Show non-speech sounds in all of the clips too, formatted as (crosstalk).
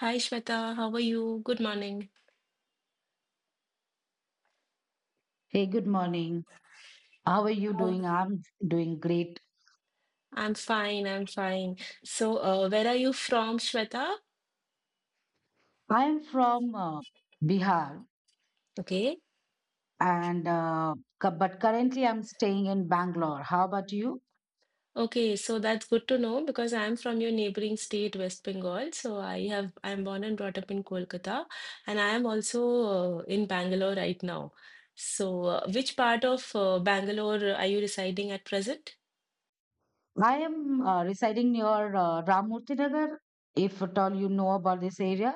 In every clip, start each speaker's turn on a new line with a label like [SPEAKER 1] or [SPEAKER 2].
[SPEAKER 1] Hi Shweta, how are you? Good morning.
[SPEAKER 2] Hey, good morning. How are you
[SPEAKER 1] How?
[SPEAKER 2] doing? I'm doing great.
[SPEAKER 1] I'm fine, I'm fine. So, where are you from, Shweta?
[SPEAKER 2] I am from Bihar,
[SPEAKER 1] Okay.
[SPEAKER 2] and but currently I'm staying in Bangalore. How about you?
[SPEAKER 1] Okay, so that's good to know because I'm from your neighboring state, West Bengal. So I'm born and brought up in Kolkata, and I am also in Bangalore right now. So, which part of Bangalore are you residing at present?
[SPEAKER 2] I am residing near Ramurthy Nagar, if at all you know about this area.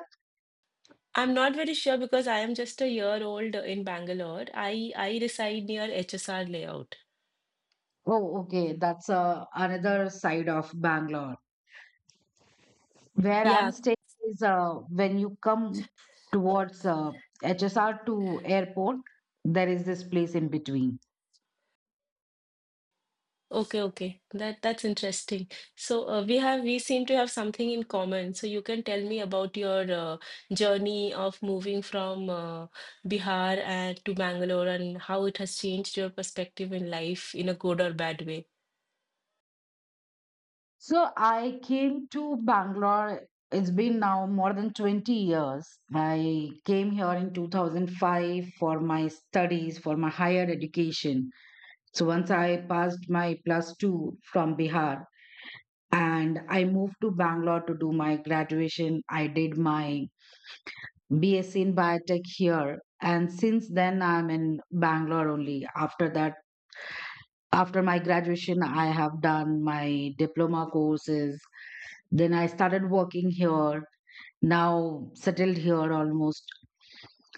[SPEAKER 1] I'm not very sure because I am just a year old in Bangalore. I reside near HSR layout.
[SPEAKER 2] Oh, okay, that's another side of Bangalore. Where I'm
[SPEAKER 1] Yeah.
[SPEAKER 2] staying is when you come towards HSR to airport, there is this place in between.
[SPEAKER 1] Okay, okay. That's interesting. So we seem to have something in common. So you can tell me about your journey of moving from Bihar and to Bangalore and how it has changed your perspective in life in a good or bad way.
[SPEAKER 2] So I came to Bangalore. It's been now more than 20 years. I came here in 2005 for my studies, for my higher education. So once I passed my plus two from Bihar and I moved to Bangalore to do my graduation, I did my BSc in biotech here. And since then, I'm in Bangalore only. After that, after my graduation, I have done my diploma courses. Then I started working here, now settled here almost.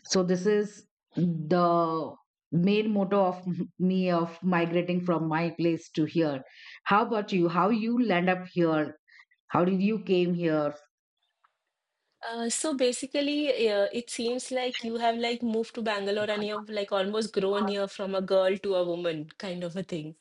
[SPEAKER 2] So this is the main motto of (laughs) me of migrating from my place to here. How about you? How you land up here? How did you came here?
[SPEAKER 1] So basically, it seems like you have like moved to Bangalore and you have like almost grown here from a girl to a woman kind of a thing.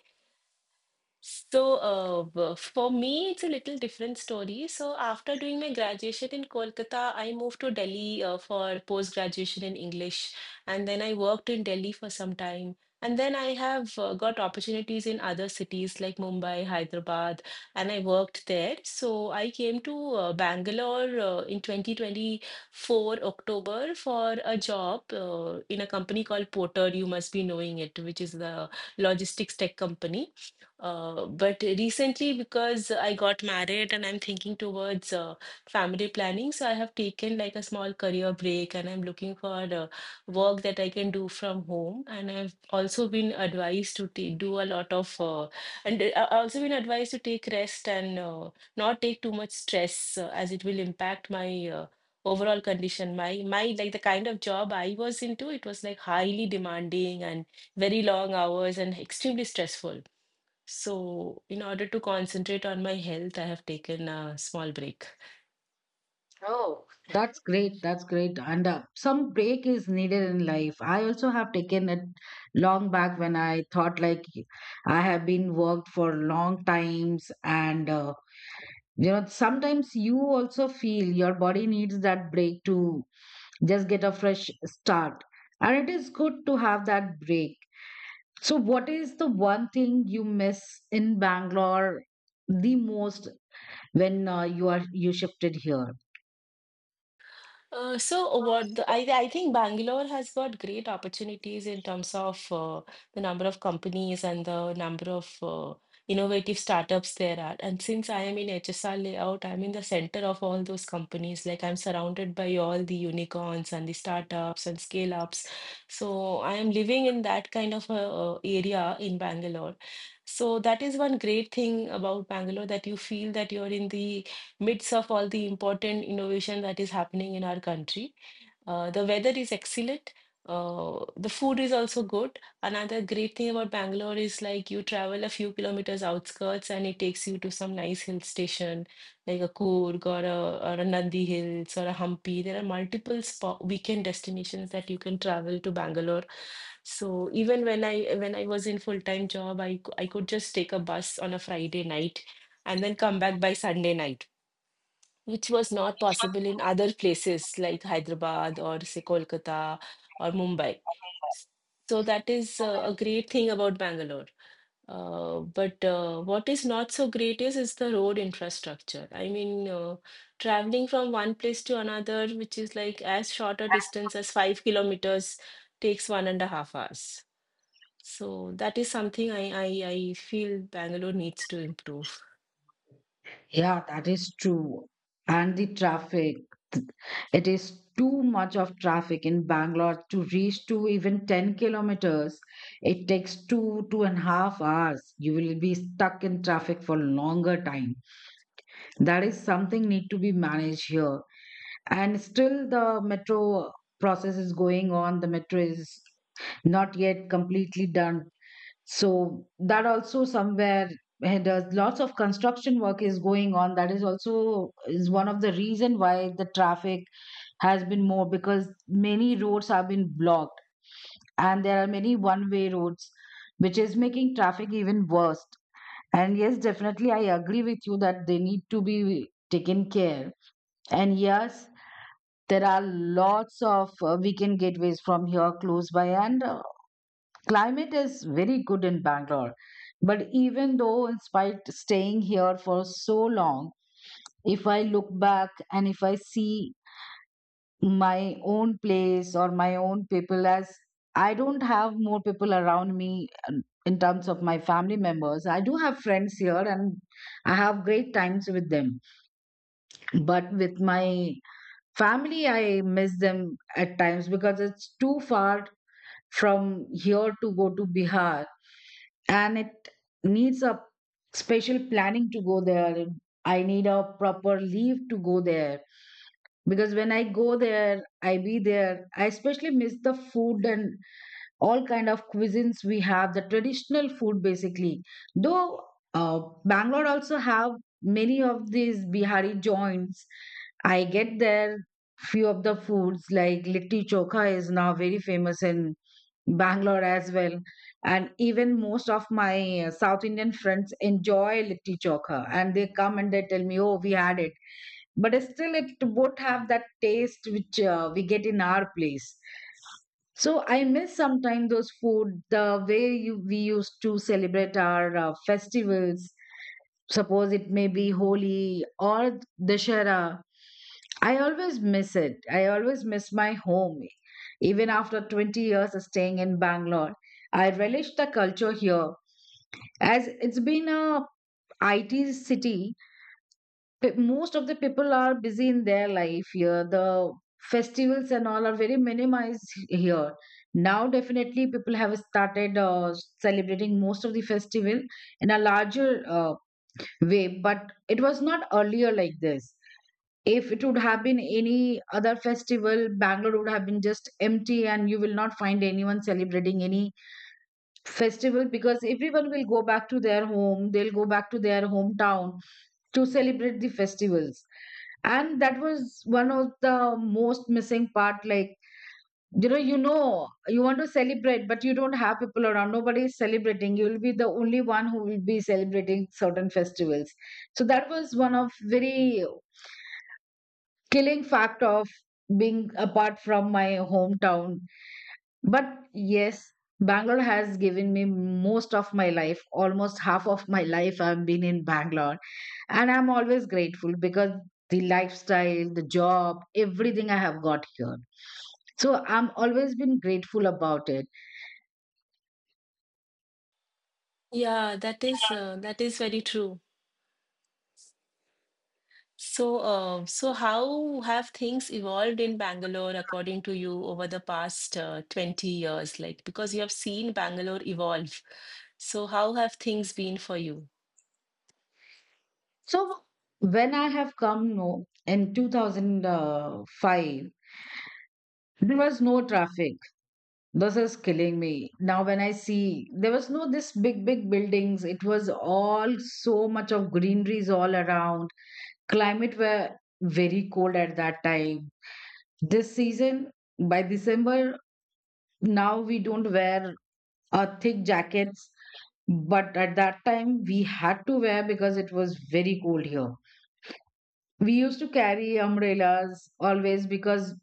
[SPEAKER 1] So, for me, it's a little different story. So, after doing my graduation in Kolkata, I moved to Delhi for post graduation in English, and then I worked in Delhi for some time. And then I have got opportunities in other cities like Mumbai, Hyderabad, and I worked there. So, I came to Bangalore in 2024 October for a job in a company called Porter. You must be knowing it, which is the logistics tech company. But recently, because I got married and I'm thinking towards family planning, so I have taken like a small career break and I'm looking for work that I can do from home. And I've also been advised to do a lot of, and I've also been advised to take rest and not take too much stress as it will impact my overall condition. My, like the kind of job I was into, it was like highly demanding and very long hours and extremely stressful. So, in order to concentrate on my health, I have taken a small break.
[SPEAKER 2] Oh, that's great. That's great. And some break is needed in life. I also have taken it long back when I thought like I have been worked for long times and you know sometimes you also feel your body needs that break to just get a fresh start, and it is good to have that break. So what is the one thing you miss in Bangalore the most when you shifted here?
[SPEAKER 1] So what the, I think Bangalore has got great opportunities in terms of the number of companies and the number of innovative startups there are. And since I am in HSR layout, I'm in the center of all those companies. Like I'm surrounded by all the unicorns and the startups and scale ups. So I am living in that kind of a area in Bangalore. So that is one great thing about Bangalore that you feel that you're in the midst of all the important innovation that is happening in our country. The weather is excellent. The food is also good. Another great thing about Bangalore is like you travel a few kilometers outskirts and it takes you to some nice hill station like a Coorg or or a Nandi Hills or a Hampi. There are multiple spot weekend destinations that you can travel to Bangalore. So even when I was in full-time job, I could just take a bus on a Friday night and then come back by Sunday night which was not possible in other places like Hyderabad or say Kolkata or Mumbai. So that is a great thing about Bangalore. But what is not so great is the road infrastructure. I mean, traveling from one place to another, which is like as short a distance as 5 kilometers, takes 1.5 hours. So that is something I feel Bangalore needs to improve.
[SPEAKER 2] Yeah, that is true, and the traffic, it is too much of traffic in Bangalore. To reach to even 10 kilometers it takes two and a half hours. You will be stuck in traffic for longer time. That is something need to be managed here. And still the metro process is going on. The metro is not yet completely done. So that also somewhere there's lots of construction work is going on. That is also is one of the reason why the traffic has been more, because many roads have been blocked and there are many one-way roads, which is making traffic even worse. And yes, definitely I agree with you that they need to be taken care. And yes, there are lots of weekend gateways from here close by, and climate is very good in Bangalore. But even though, in spite staying here for so long, if I look back and if I see my own place or my own people, as I don't have more people around me in terms of my family members. I do have friends here and I have great times with them. But with my family, I miss them at times because it's too far from here to go to Bihar, and it needs a special planning to go there. I need a proper leave to go there because when I go there, I be there. I especially miss the food and all kind of cuisines we have, the traditional food basically. Though Bangalore also have many of these Bihari joints, I get there few of the foods like litti chokha is now very famous in Bangalore as well. And even most of my South Indian friends enjoy litti chokha, and they come and they tell me, oh, we had it, but still it won't have that taste which we get in our place. So I miss sometimes those food, the way we used to celebrate our festivals. Suppose it may be Holi or Dashera, I always miss it. I always miss my home even after 20 years of staying in Bangalore. I relish the culture here, as it's been a it city. Most of the people are busy in their life here. The festivals and all are very minimized here. Now, definitely, people have started celebrating most of the festival in a larger way, but it was not earlier like this. If it would have been any other festival, Bangalore would have been just empty, and you will not find anyone celebrating any festival because everyone will go back to their home, they'll go back to their hometown to celebrate the festivals. And that was one of the most missing part, like you know you want to celebrate but you don't have people around. Nobody is celebrating. You will be the only one who will be celebrating certain festivals. So that was one of very killing fact of being apart from my hometown. But yes, Bangalore has given me most of my life. Almost half of my life I've been in Bangalore, and I'm always grateful because the lifestyle, the job, everything I have got here. So I'm always been grateful about it.
[SPEAKER 1] Yeah, that is very true. So, so how have things evolved in Bangalore according to you over the past 20 years? Like, because you have seen Bangalore evolve. So, how have things been for you?
[SPEAKER 2] So when I have come no, in 2005, there was no traffic. This is killing me now. When I see, there was no this big buildings. It was all so much of greeneries all around. Climate were very cold at that time. This season by December now we don't wear thick jackets, but at that time we had to wear because it was very cold here. We used to carry umbrellas always because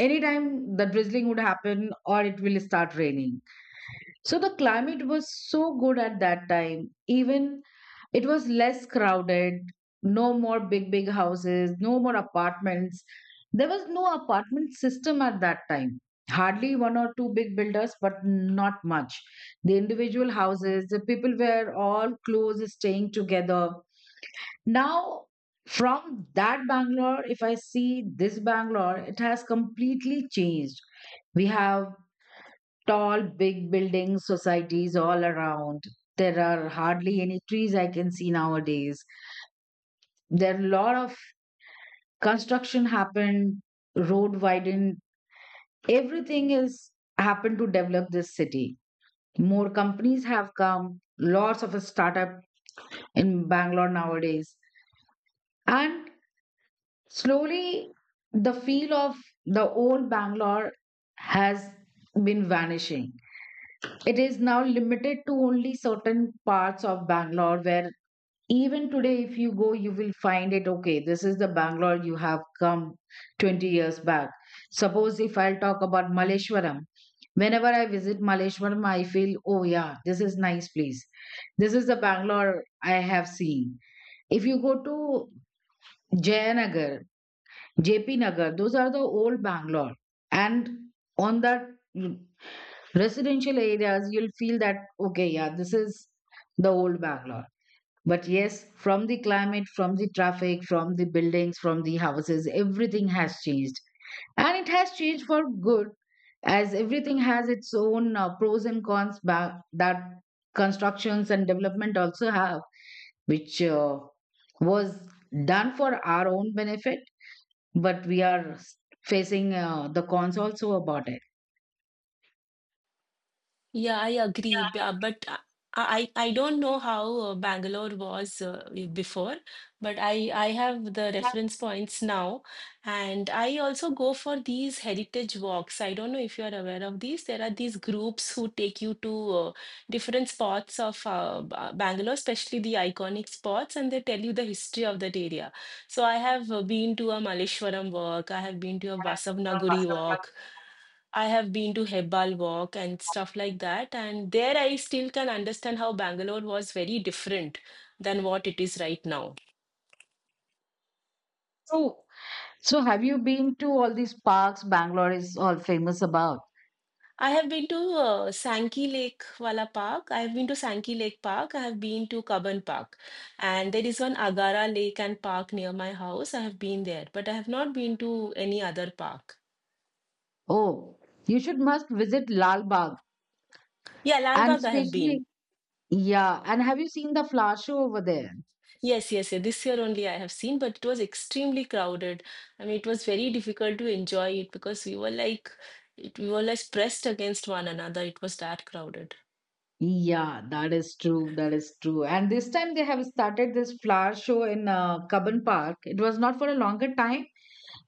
[SPEAKER 2] anytime the drizzling would happen or it will start raining. So the climate was so good at that time. Even it was less crowded, no more big, big houses, no more apartments. There was no apartment system at that time. Hardly one or two big builders, but not much. The individual houses, the people were all close, staying together. Now, from that Bangalore, if I see this Bangalore, it has completely changed. We have tall, big buildings, societies all around. There are hardly any trees I can see nowadays. There are a lot of construction happened, road widened, everything is happened to develop this city. More companies have come, lots of a startup in Bangalore nowadays. And slowly the feel of the old Bangalore has been vanishing. It is now limited to only certain parts of Bangalore where even today if you go you will find it, okay, this is the Bangalore you have come 20 years back. Suppose if I'll talk about Maleshwaram, whenever I visit Maleshwaram I feel, oh yeah, this is nice place, this is the Bangalore I have seen. If you go to Jayanagar, JP Nagar, those are the old Bangalore, and on that residential areas you'll feel that, okay, yeah, this is the old Bangalore. But yes, from the climate, from the traffic, from the buildings, from the houses, everything has changed. And it has changed for good, as everything has its own pros and cons. That constructions and development also have, which was done for our own benefit, but we are facing the cons also about it.
[SPEAKER 1] Yeah, I agree, but I don't know how Bangalore was before, but I have the reference points now, and I also go for these heritage walks. I don't know if you are aware of these. There are these groups who take you to different spots of Bangalore, especially the iconic spots, and they tell you the history of that area. So I have been to a Malleshwaram walk. I have been to a Vasavnaguri walk. I have been to Hebbal Walk and stuff like that, and there I still can understand how Bangalore was very different than what it is right now.
[SPEAKER 2] So, so have you been to all these parks Bangalore is all famous about?
[SPEAKER 1] I have been to Sankey Lake Wala Park. I have been to Sankey Lake Park. I have been to Kaban Park. And there is one Agara Lake and Park near my house. I have been there, but I have not been to any other park.
[SPEAKER 2] Oh, you should must visit Lal Bagh.
[SPEAKER 1] Yeah,
[SPEAKER 2] And
[SPEAKER 1] Lalbagh I have been.
[SPEAKER 2] especially, yeah. And have you seen the flower show over there?
[SPEAKER 1] Yes, yes, yeah. This year only I have seen, but it was extremely crowded. I mean, it was very difficult to enjoy it because we were like pressed against one another. It was that crowded.
[SPEAKER 2] Yeah, that is true. That is true. And this time they have started this flower show in Cubbon Park. It was not for a longer time.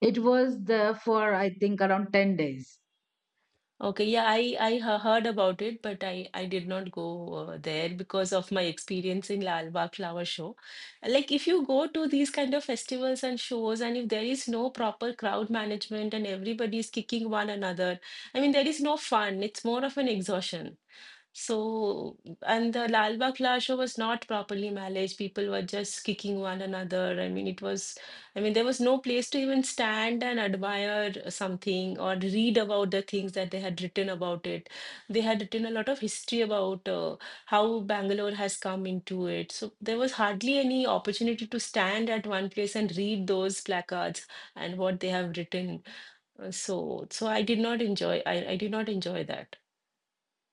[SPEAKER 2] It was there for, I think, around 10 days.
[SPEAKER 1] Okay, yeah, I heard about it, but I did not go there because of my experience in Lal Bagh Flower Show. Like if you go to these kind of festivals and shows, and if there is no proper crowd management and everybody is kicking one another, I mean there is no fun. It's more of an exhaustion. So, and the Lal Bagh Flower Show was not properly managed. People were just kicking one another. I mean, it was. I mean, there was no place to even stand and admire something or read about the things that they had written about it. They had written a lot of history about how Bangalore has come into it. So there was hardly any opportunity to stand at one place and read those placards and what they have written. So I did not enjoy. I did not enjoy that.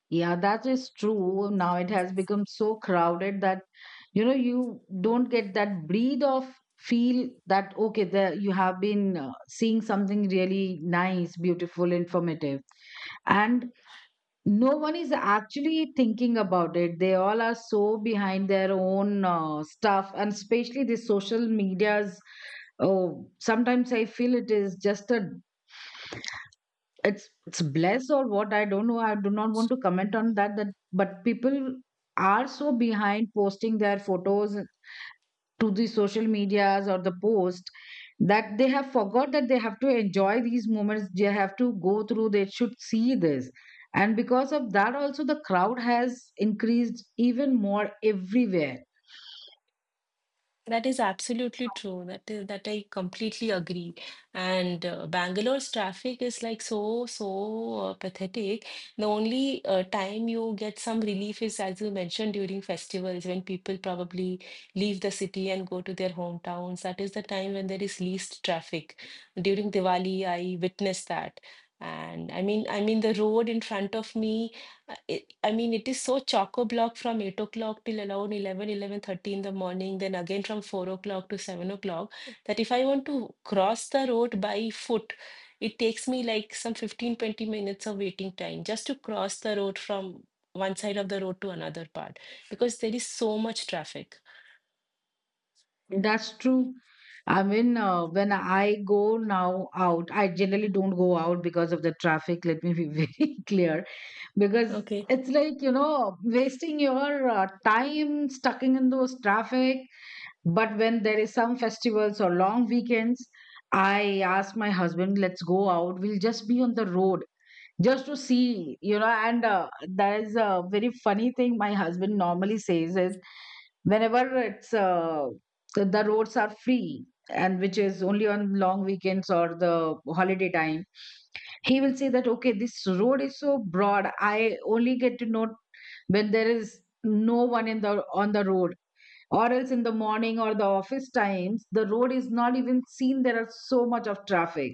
[SPEAKER 2] Yeah, that is true. Now it has become so crowded that, you know, you don't get that breathe of feel that, okay, there you have been seeing something really nice, beautiful, informative. And no one is actually thinking about it. They all are so behind their own stuff, and especially the social medias. Oh, sometimes I feel it is just a it's bless or what, I don't know. I do not want to comment on that, but people are so behind posting their photos to the social medias or the post that they have forgot that they have to enjoy these moments. They have to go through, they should see this. And because of that also the crowd has increased even more everywhere.
[SPEAKER 1] That is absolutely true. That is that I completely agree. And Bangalore's traffic is like so pathetic. The only time you get some relief is, as you mentioned, during festivals when people probably leave the city and go to their hometowns. That is the time when there is least traffic. During Diwali, I witnessed that. And I mean, the road in front of me. uh, i- I mean, it is so chock-a-block from 8 o'clock till around 11, 11:30 in the morning, then again from 4 o'clock to 7 o'clock, that if I want to cross the road by foot, it takes me like some 15, 20 minutes of waiting time just to cross the road from one side of the road to another part because there is so much traffic.
[SPEAKER 2] That's true. I mean, when I go now out, I generally don't go out because of the traffic, let me be (laughs) very clear, because
[SPEAKER 1] Okay.
[SPEAKER 2] it's like, you know, wasting your time stuck in those traffic. But when there is some festivals or long weekends, I ask my husband, let's go out. We'll just be on the road just to see, you know. And that is a very funny thing my husband normally says is whenever it's the roads are free, and which is only on long weekends or the holiday time, he will say that, okay, this road is so broad. I only get to know when there is no one in the on the road, or else in the morning or the office times the road is not even seen, there are so much of traffic.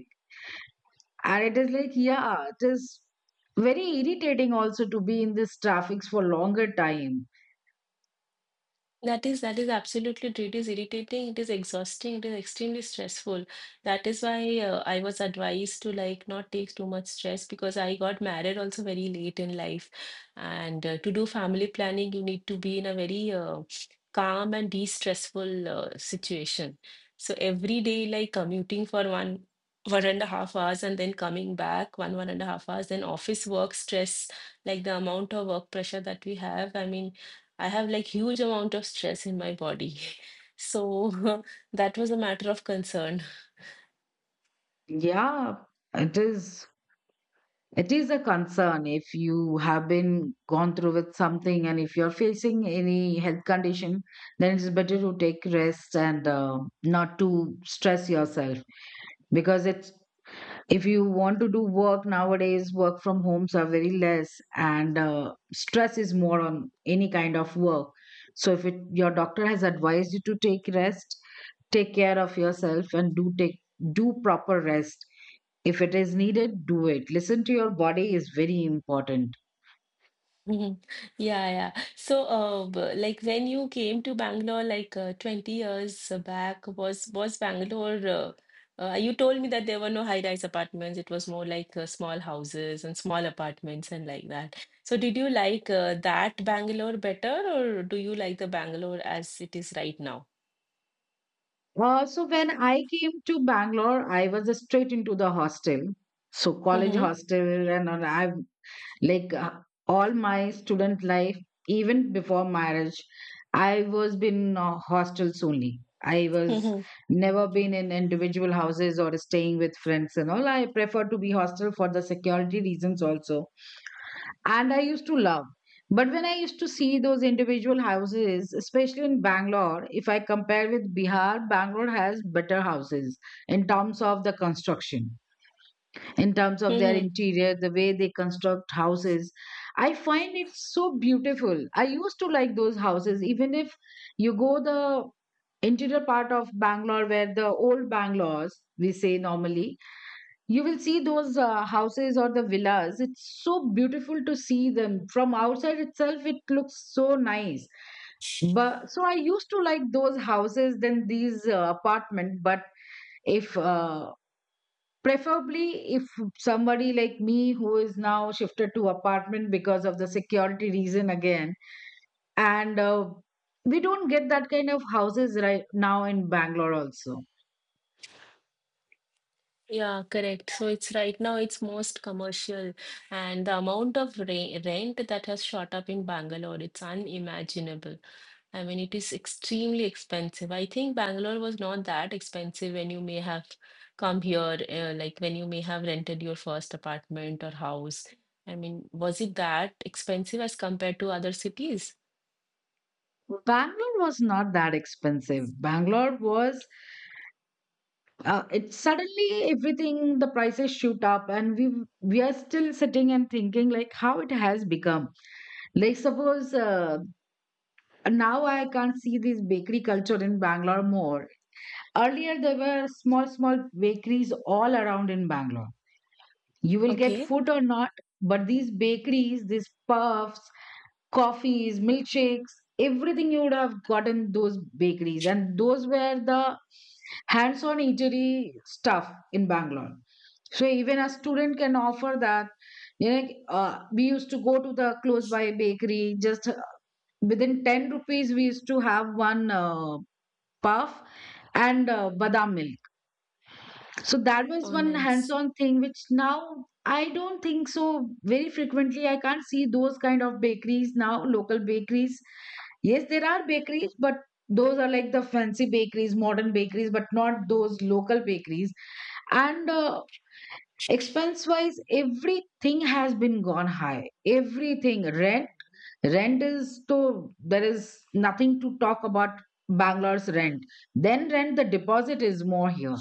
[SPEAKER 2] And it is like, yeah, it is very irritating also to be in this traffic for longer time.
[SPEAKER 1] That is absolutely true. It is irritating, it is exhausting, it is extremely stressful. That is why I was advised to like not take too much stress because I got married also very late in life. And to do family planning, you need to be in a very calm and de-stressful situation. So every day, like commuting for 1.5 hours and then coming back 1.5 hours, then office work stress, like the amount of work pressure that we have. I mean. I have like huge amount of stress in my body. (laughs) So (laughs) that was a matter of concern.
[SPEAKER 2] Yeah, it is, it is a concern if you have been gone through with something and if you're facing any health condition, then it's better to take rest and not to stress yourself, because it's, if you want to do work nowadays, work from homes are very less. And stress is more on any kind of work. So if it, your doctor has advised you to take rest, take care of yourself and do take, do proper rest. If it is needed, do it. Listen to your body is very important.
[SPEAKER 1] (laughs) Yeah, yeah. So, like when you came to Bangalore, like 20 years back, was Bangalore? You told me that there were no high-rise apartments. It was more like small houses and small apartments and like that. So, did you like that Bangalore better, or do you like the Bangalore as it is right now?
[SPEAKER 2] So when I came to Bangalore, I was straight into the hostel. So college
[SPEAKER 1] Mm-hmm.
[SPEAKER 2] hostel and all, I like all my student life, even before marriage, I was been hostels only. I was
[SPEAKER 1] Mm-hmm.
[SPEAKER 2] never been in individual houses or staying with friends and all. I prefer to be hostel for the security reasons also. And I used to love, but when I used to see those individual houses, especially in Bangalore, if I compare with Bihar, Bangalore has better houses, in terms of the construction, in terms of their
[SPEAKER 1] Mm-hmm.
[SPEAKER 2] interior, the way they construct houses. I find it so beautiful. I used to like those houses. Even if you go the interior part of Bangalore, where the old Bangalores, we say normally, you will see those houses or the villas. It's so beautiful to see them. From outside itself, it looks so nice. But so I used to like those houses than these apartments. But if preferably if somebody like me who is now shifted to apartment because of the security reason again, and we don't get that kind of houses right now in Bangalore also.
[SPEAKER 1] Yeah, correct. So it's right now it's most commercial, and the amount of re rent that has shot up in Bangalore, it's unimaginable. I mean, it is extremely expensive. I think Bangalore was not that expensive when you may have come here, like when you may have rented your first apartment or house. I mean, was it that expensive as compared to other cities?
[SPEAKER 2] Bangalore was not that expensive. Bangalore was it suddenly everything, the prices shoot up, and we are still sitting and thinking like how it has become. Like suppose now I can't see this bakery culture in Bangalore more. Earlier, there were small, small bakeries all around in Bangalore. You will get
[SPEAKER 1] Okay.
[SPEAKER 2] food or not, but these bakeries, these puffs, coffees, milkshakes, everything you would have gotten those bakeries. And those were the hands on eatery stuff in Bangalore. So even a student can offer that. You know, we used to go to the close by bakery. Just within 10 rupees, we used to have one puff and badam milk. So that was
[SPEAKER 1] Oh,
[SPEAKER 2] one
[SPEAKER 1] nice.
[SPEAKER 2] hands-on thing, which now I don't think so very frequently. I can't see those kind of bakeries now, local bakeries. Yes, there are bakeries, but those are like the fancy bakeries, modern bakeries, but not those local bakeries. And expense-wise, everything has been gone high. Everything, rent, rent is, so there is nothing to talk about. Bangalore's rent. Then rent, the deposit is more here,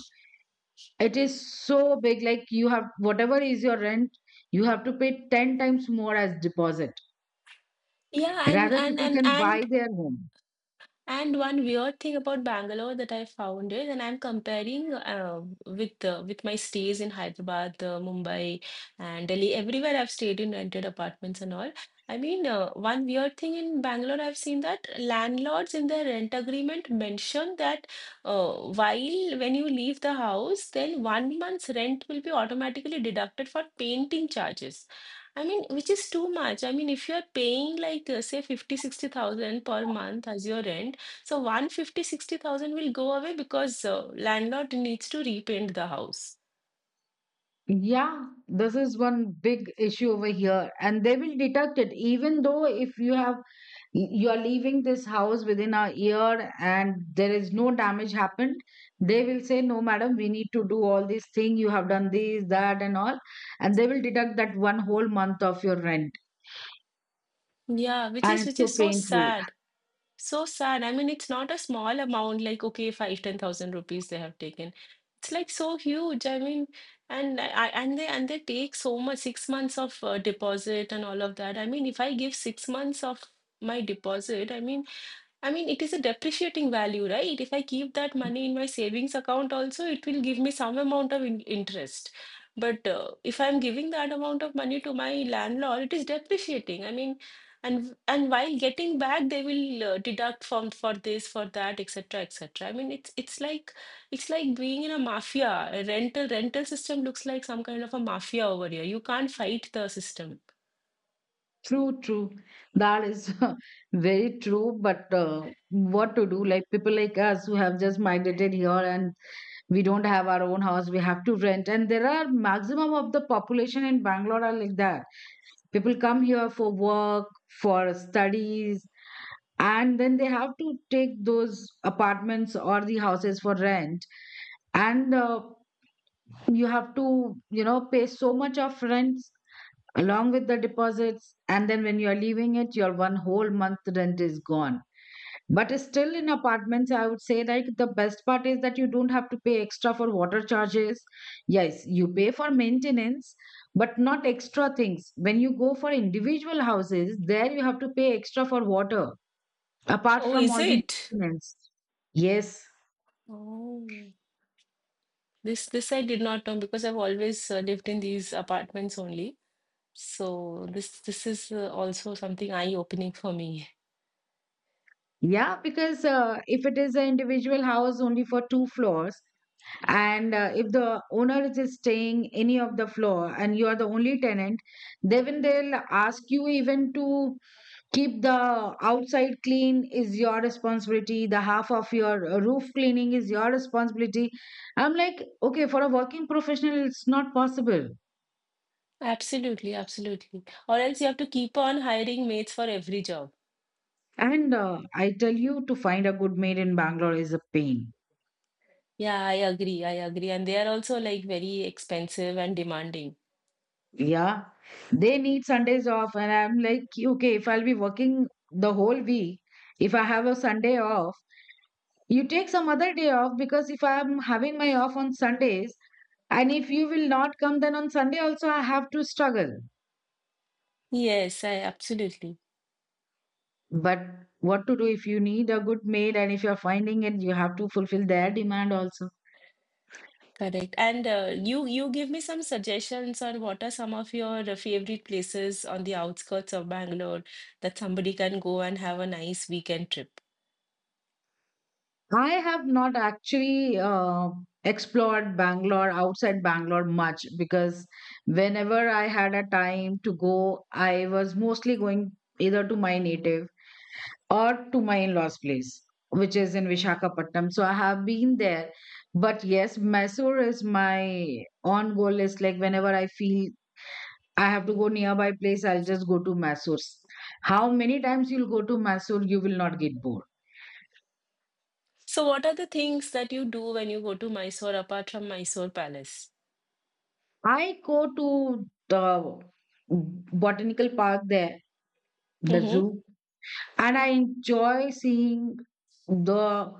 [SPEAKER 2] it is so big, like you have whatever is your rent, you have to pay 10 times more as deposit.
[SPEAKER 1] Yeah,
[SPEAKER 2] Rather, people can buy their home.
[SPEAKER 1] and one weird thing about Bangalore that I found is, and I'm comparing with my stays in Hyderabad, Mumbai, and Delhi. Everywhere I've stayed in rented apartments and all. I mean, one weird thing in Bangalore, I've seen that landlords in their rent agreement mention that uh, while when you leave the house, then 1 month's rent will be automatically deducted for painting charges. I mean, which is too much. I mean, if you're paying like say 50, 60,000 per month as your rent so one fifty sixty thousand will go away because landlord needs to repaint the house.
[SPEAKER 2] Yeah, this is one big issue over here, and they will deduct it. Even though if you have, you are leaving this house within a year and there is no damage happened, they will say, "No, madam, we need to do all these thing. You have done this, that, and all," and they will deduct that one whole month of your rent,
[SPEAKER 1] Yeah, which
[SPEAKER 2] and
[SPEAKER 1] is
[SPEAKER 2] it's
[SPEAKER 1] which
[SPEAKER 2] so
[SPEAKER 1] is so
[SPEAKER 2] painful.
[SPEAKER 1] sad. So sad. I mean, it's not a small amount like okay, five, 10,000 rupees they have taken. It's like so huge. I mean, and they take so much 6 months of deposit and all of that. I mean, if I give 6 months of my deposit, I mean, it is a depreciating value, right? If I keep that money in my savings account also, it will give me some amount of in interest. But if I'm giving that amount of money to my landlord, it is depreciating. I mean, and while getting back, they will deduct from for this, for that, etc., etc. I mean, it's like it's like being in a mafia. A rental system looks like some kind of a mafia over here. You can't fight the system.
[SPEAKER 2] True, true. That is (laughs) very true. But what to do? Like people like us who have just migrated here and we don't have our own house, we have to rent. And there are maximum of the population in Bangalore are like that. People come here for work, for studies, and then they have to take those apartments or the houses for rent. And you have to, you know, pay so much of rent along with the deposits, and then when you are leaving it, your one whole month rent is gone. But still in apartments, I would say like the best part is that you don't have to pay extra for water charges. Yes, you pay for maintenance, but not extra things. When you go for individual houses, there you have to pay extra for water, apart
[SPEAKER 1] Oh,
[SPEAKER 2] from
[SPEAKER 1] is
[SPEAKER 2] all the
[SPEAKER 1] it?
[SPEAKER 2] maintenance. Yes.
[SPEAKER 1] Oh. This I did not know because I've always lived in these apartments only. So this is also something eye-opening for me.
[SPEAKER 2] Yeah, because if it is an individual house only for two floors, and if the owner is staying any of the floor and you are the only tenant, then they'll ask you even to keep the outside clean is your responsibility, the half of your roof cleaning is your responsibility. I'm like, okay, for a working professional it's not possible.
[SPEAKER 1] (laughs) Absolutely, absolutely. Or else you have to keep on hiring mates for every job.
[SPEAKER 2] And I tell you, to find a good maid in Bangalore is a pain.
[SPEAKER 1] Yeah, I agree. I agree. And they are also like very expensive and demanding.
[SPEAKER 2] Yeah, they need Sundays off, and I'm like, okay, if I'll be working the whole week, if I have a Sunday off, you take some other day off. Because if I'm having my off on Sundays, and if you will not come, then on Sunday also I have to struggle.
[SPEAKER 1] Yes, I absolutely
[SPEAKER 2] But what to do? If you need a good maid and if you're finding it, you have to fulfill their demand also.
[SPEAKER 1] correct. And you give me some suggestions on what are some of your favorite places on the outskirts of Bangalore that somebody can go and have a nice weekend trip.
[SPEAKER 2] I have not actually explored Bangalore, outside Bangalore much, because whenever I had a time to go, I was mostly going either to my native or to my in-laws place, which is in Visakhapatnam, so I have been there. But yes, Mysore is my on goal list. Like whenever I feel I have to go nearby place, I'll just go to Mysore. How many times you'll go to Mysore, you will not get bored.
[SPEAKER 1] So, what are the things that you do when you go to Mysore apart from Mysore Palace?
[SPEAKER 2] I go to the botanical park there, the
[SPEAKER 1] Mm-hmm.
[SPEAKER 2] zoo, and I enjoy seeing the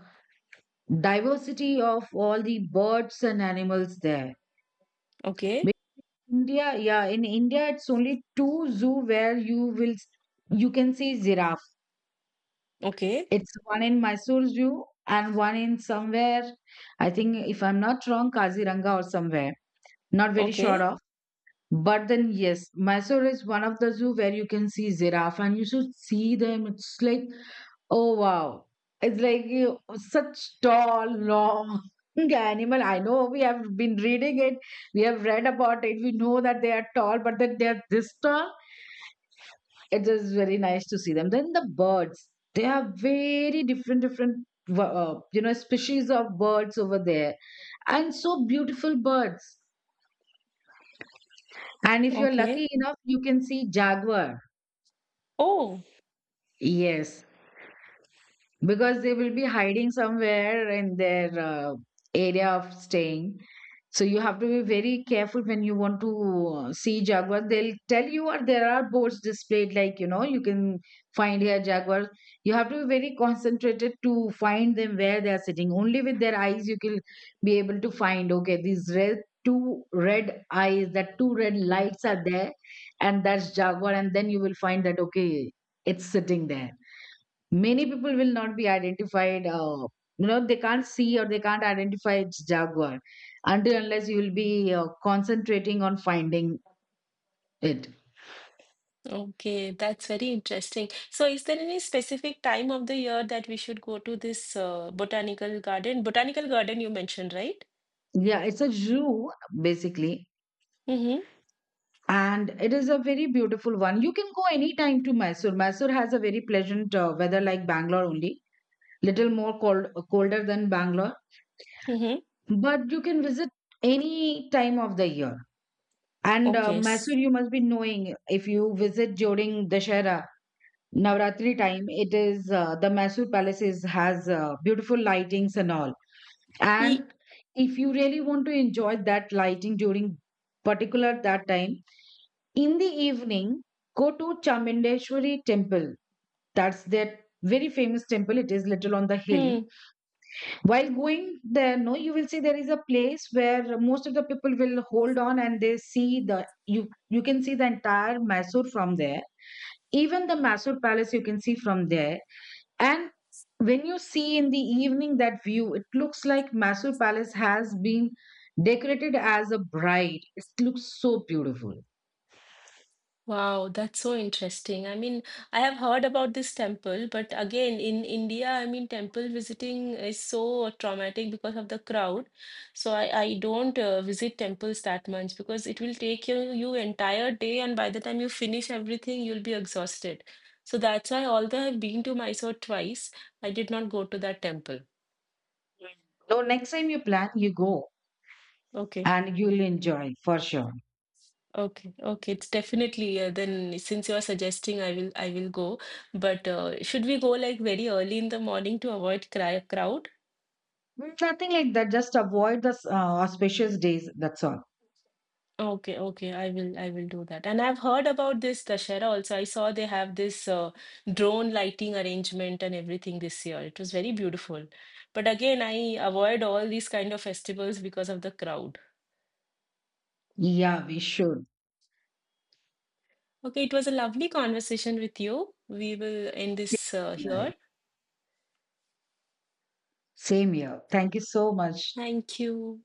[SPEAKER 2] diversity of all the birds and animals there.
[SPEAKER 1] Okay.
[SPEAKER 2] India, yeah, in India, it's only two zoo where you will s- you can see giraffe.
[SPEAKER 1] Okay.
[SPEAKER 2] It's one in Mysore Zoo and one in somewhere. I think if I'm not wrong, Kaziranga or somewhere. Not very sure
[SPEAKER 1] Okay.
[SPEAKER 2] of. But then yes, Mysore is one of the zoo where you can see giraffe, and you should see them. It's like, oh wow, it's like you, such tall, long (laughs) animal. I know we have been reading it. We have read about it. We know that they are tall, but that they are this tall, it is very nice to see them. Then the birds, they are very different, different you know, species of birds over there, and so beautiful birds. And if you're
[SPEAKER 1] Okay.
[SPEAKER 2] lucky enough, you can see jaguar.
[SPEAKER 1] Oh,
[SPEAKER 2] Yes, because they will be hiding somewhere in their area of staying. So you have to be very careful when you want to see jaguar. They'll tell you, or there are boards displayed, like, you know, you can find here jaguar. You have to be very concentrated to find them, where they are sitting. Only with their eyes you can be able to find. Okay, these red, two red eyes, that two red lights are there, and that's jaguar. And then you will find that, okay, it's sitting there. Many people will not be identified, you know, they can't see or they can't identify its jaguar, until unless you will be concentrating on finding it.
[SPEAKER 1] okay. That's very interesting. So, is there any specific time of the year that we should go to this botanical garden? Botanical garden you mentioned, right?
[SPEAKER 2] Yeah, it's a zoo basically,
[SPEAKER 1] Mm-hmm.
[SPEAKER 2] and it is a very beautiful one. You can go anytime to Mysore. Mysore has a very pleasant weather, like Bangalore only, little more colder than Bangalore.
[SPEAKER 1] Mm-hmm.
[SPEAKER 2] But you can visit any time of the year. And
[SPEAKER 1] Okay.
[SPEAKER 2] Mysore, you must be knowing, if you visit during Dashera, Navratri time, it is the Mysore palaces has beautiful lightings and all.
[SPEAKER 1] Ye-
[SPEAKER 2] And if you really want to enjoy that lighting during particular that time, in the evening, go to Chamundeshwari temple. That's that very famous temple. It is little on the hill.
[SPEAKER 1] hmm.
[SPEAKER 2] While going there, no, you will see there is a place where most of the people will hold on, and they see the, you can see the entire Mysore from there. Even the Mysore palace you can see from there. And when you see in the evening that view, it looks like Mysore Palace has been decorated as a bride. It looks so beautiful.
[SPEAKER 1] Wow, that's so interesting. I mean, I have heard about this temple, but again, in India, I mean, temple visiting is so traumatic because of the crowd. So I don't visit temples that much because it will take you entire day, and by the time you finish everything, you'll be exhausted. So that's why, although I've been to Mysore twice, I did not go to that temple.
[SPEAKER 2] So next time you plan, you go,
[SPEAKER 1] Okay.
[SPEAKER 2] and you'll enjoy for sure.
[SPEAKER 1] Okay, okay, it's definitely then since you are suggesting I will go. But should we go like very early in the morning to avoid cry crowd?
[SPEAKER 2] Mm, nothing like that. Just avoid the auspicious days. That's all.
[SPEAKER 1] Okay, okay, I will do that. And I've heard about this Dashera also. I saw they have this drone lighting arrangement and everything this year. It was very beautiful. But again, I avoid all these kind of festivals because of the crowd.
[SPEAKER 2] Yeah, we should.
[SPEAKER 1] Okay, it was a lovely conversation with you. We will end
[SPEAKER 2] Same
[SPEAKER 1] this
[SPEAKER 2] here.
[SPEAKER 1] here.
[SPEAKER 2] Same here. Thank you so much.
[SPEAKER 1] Thank you.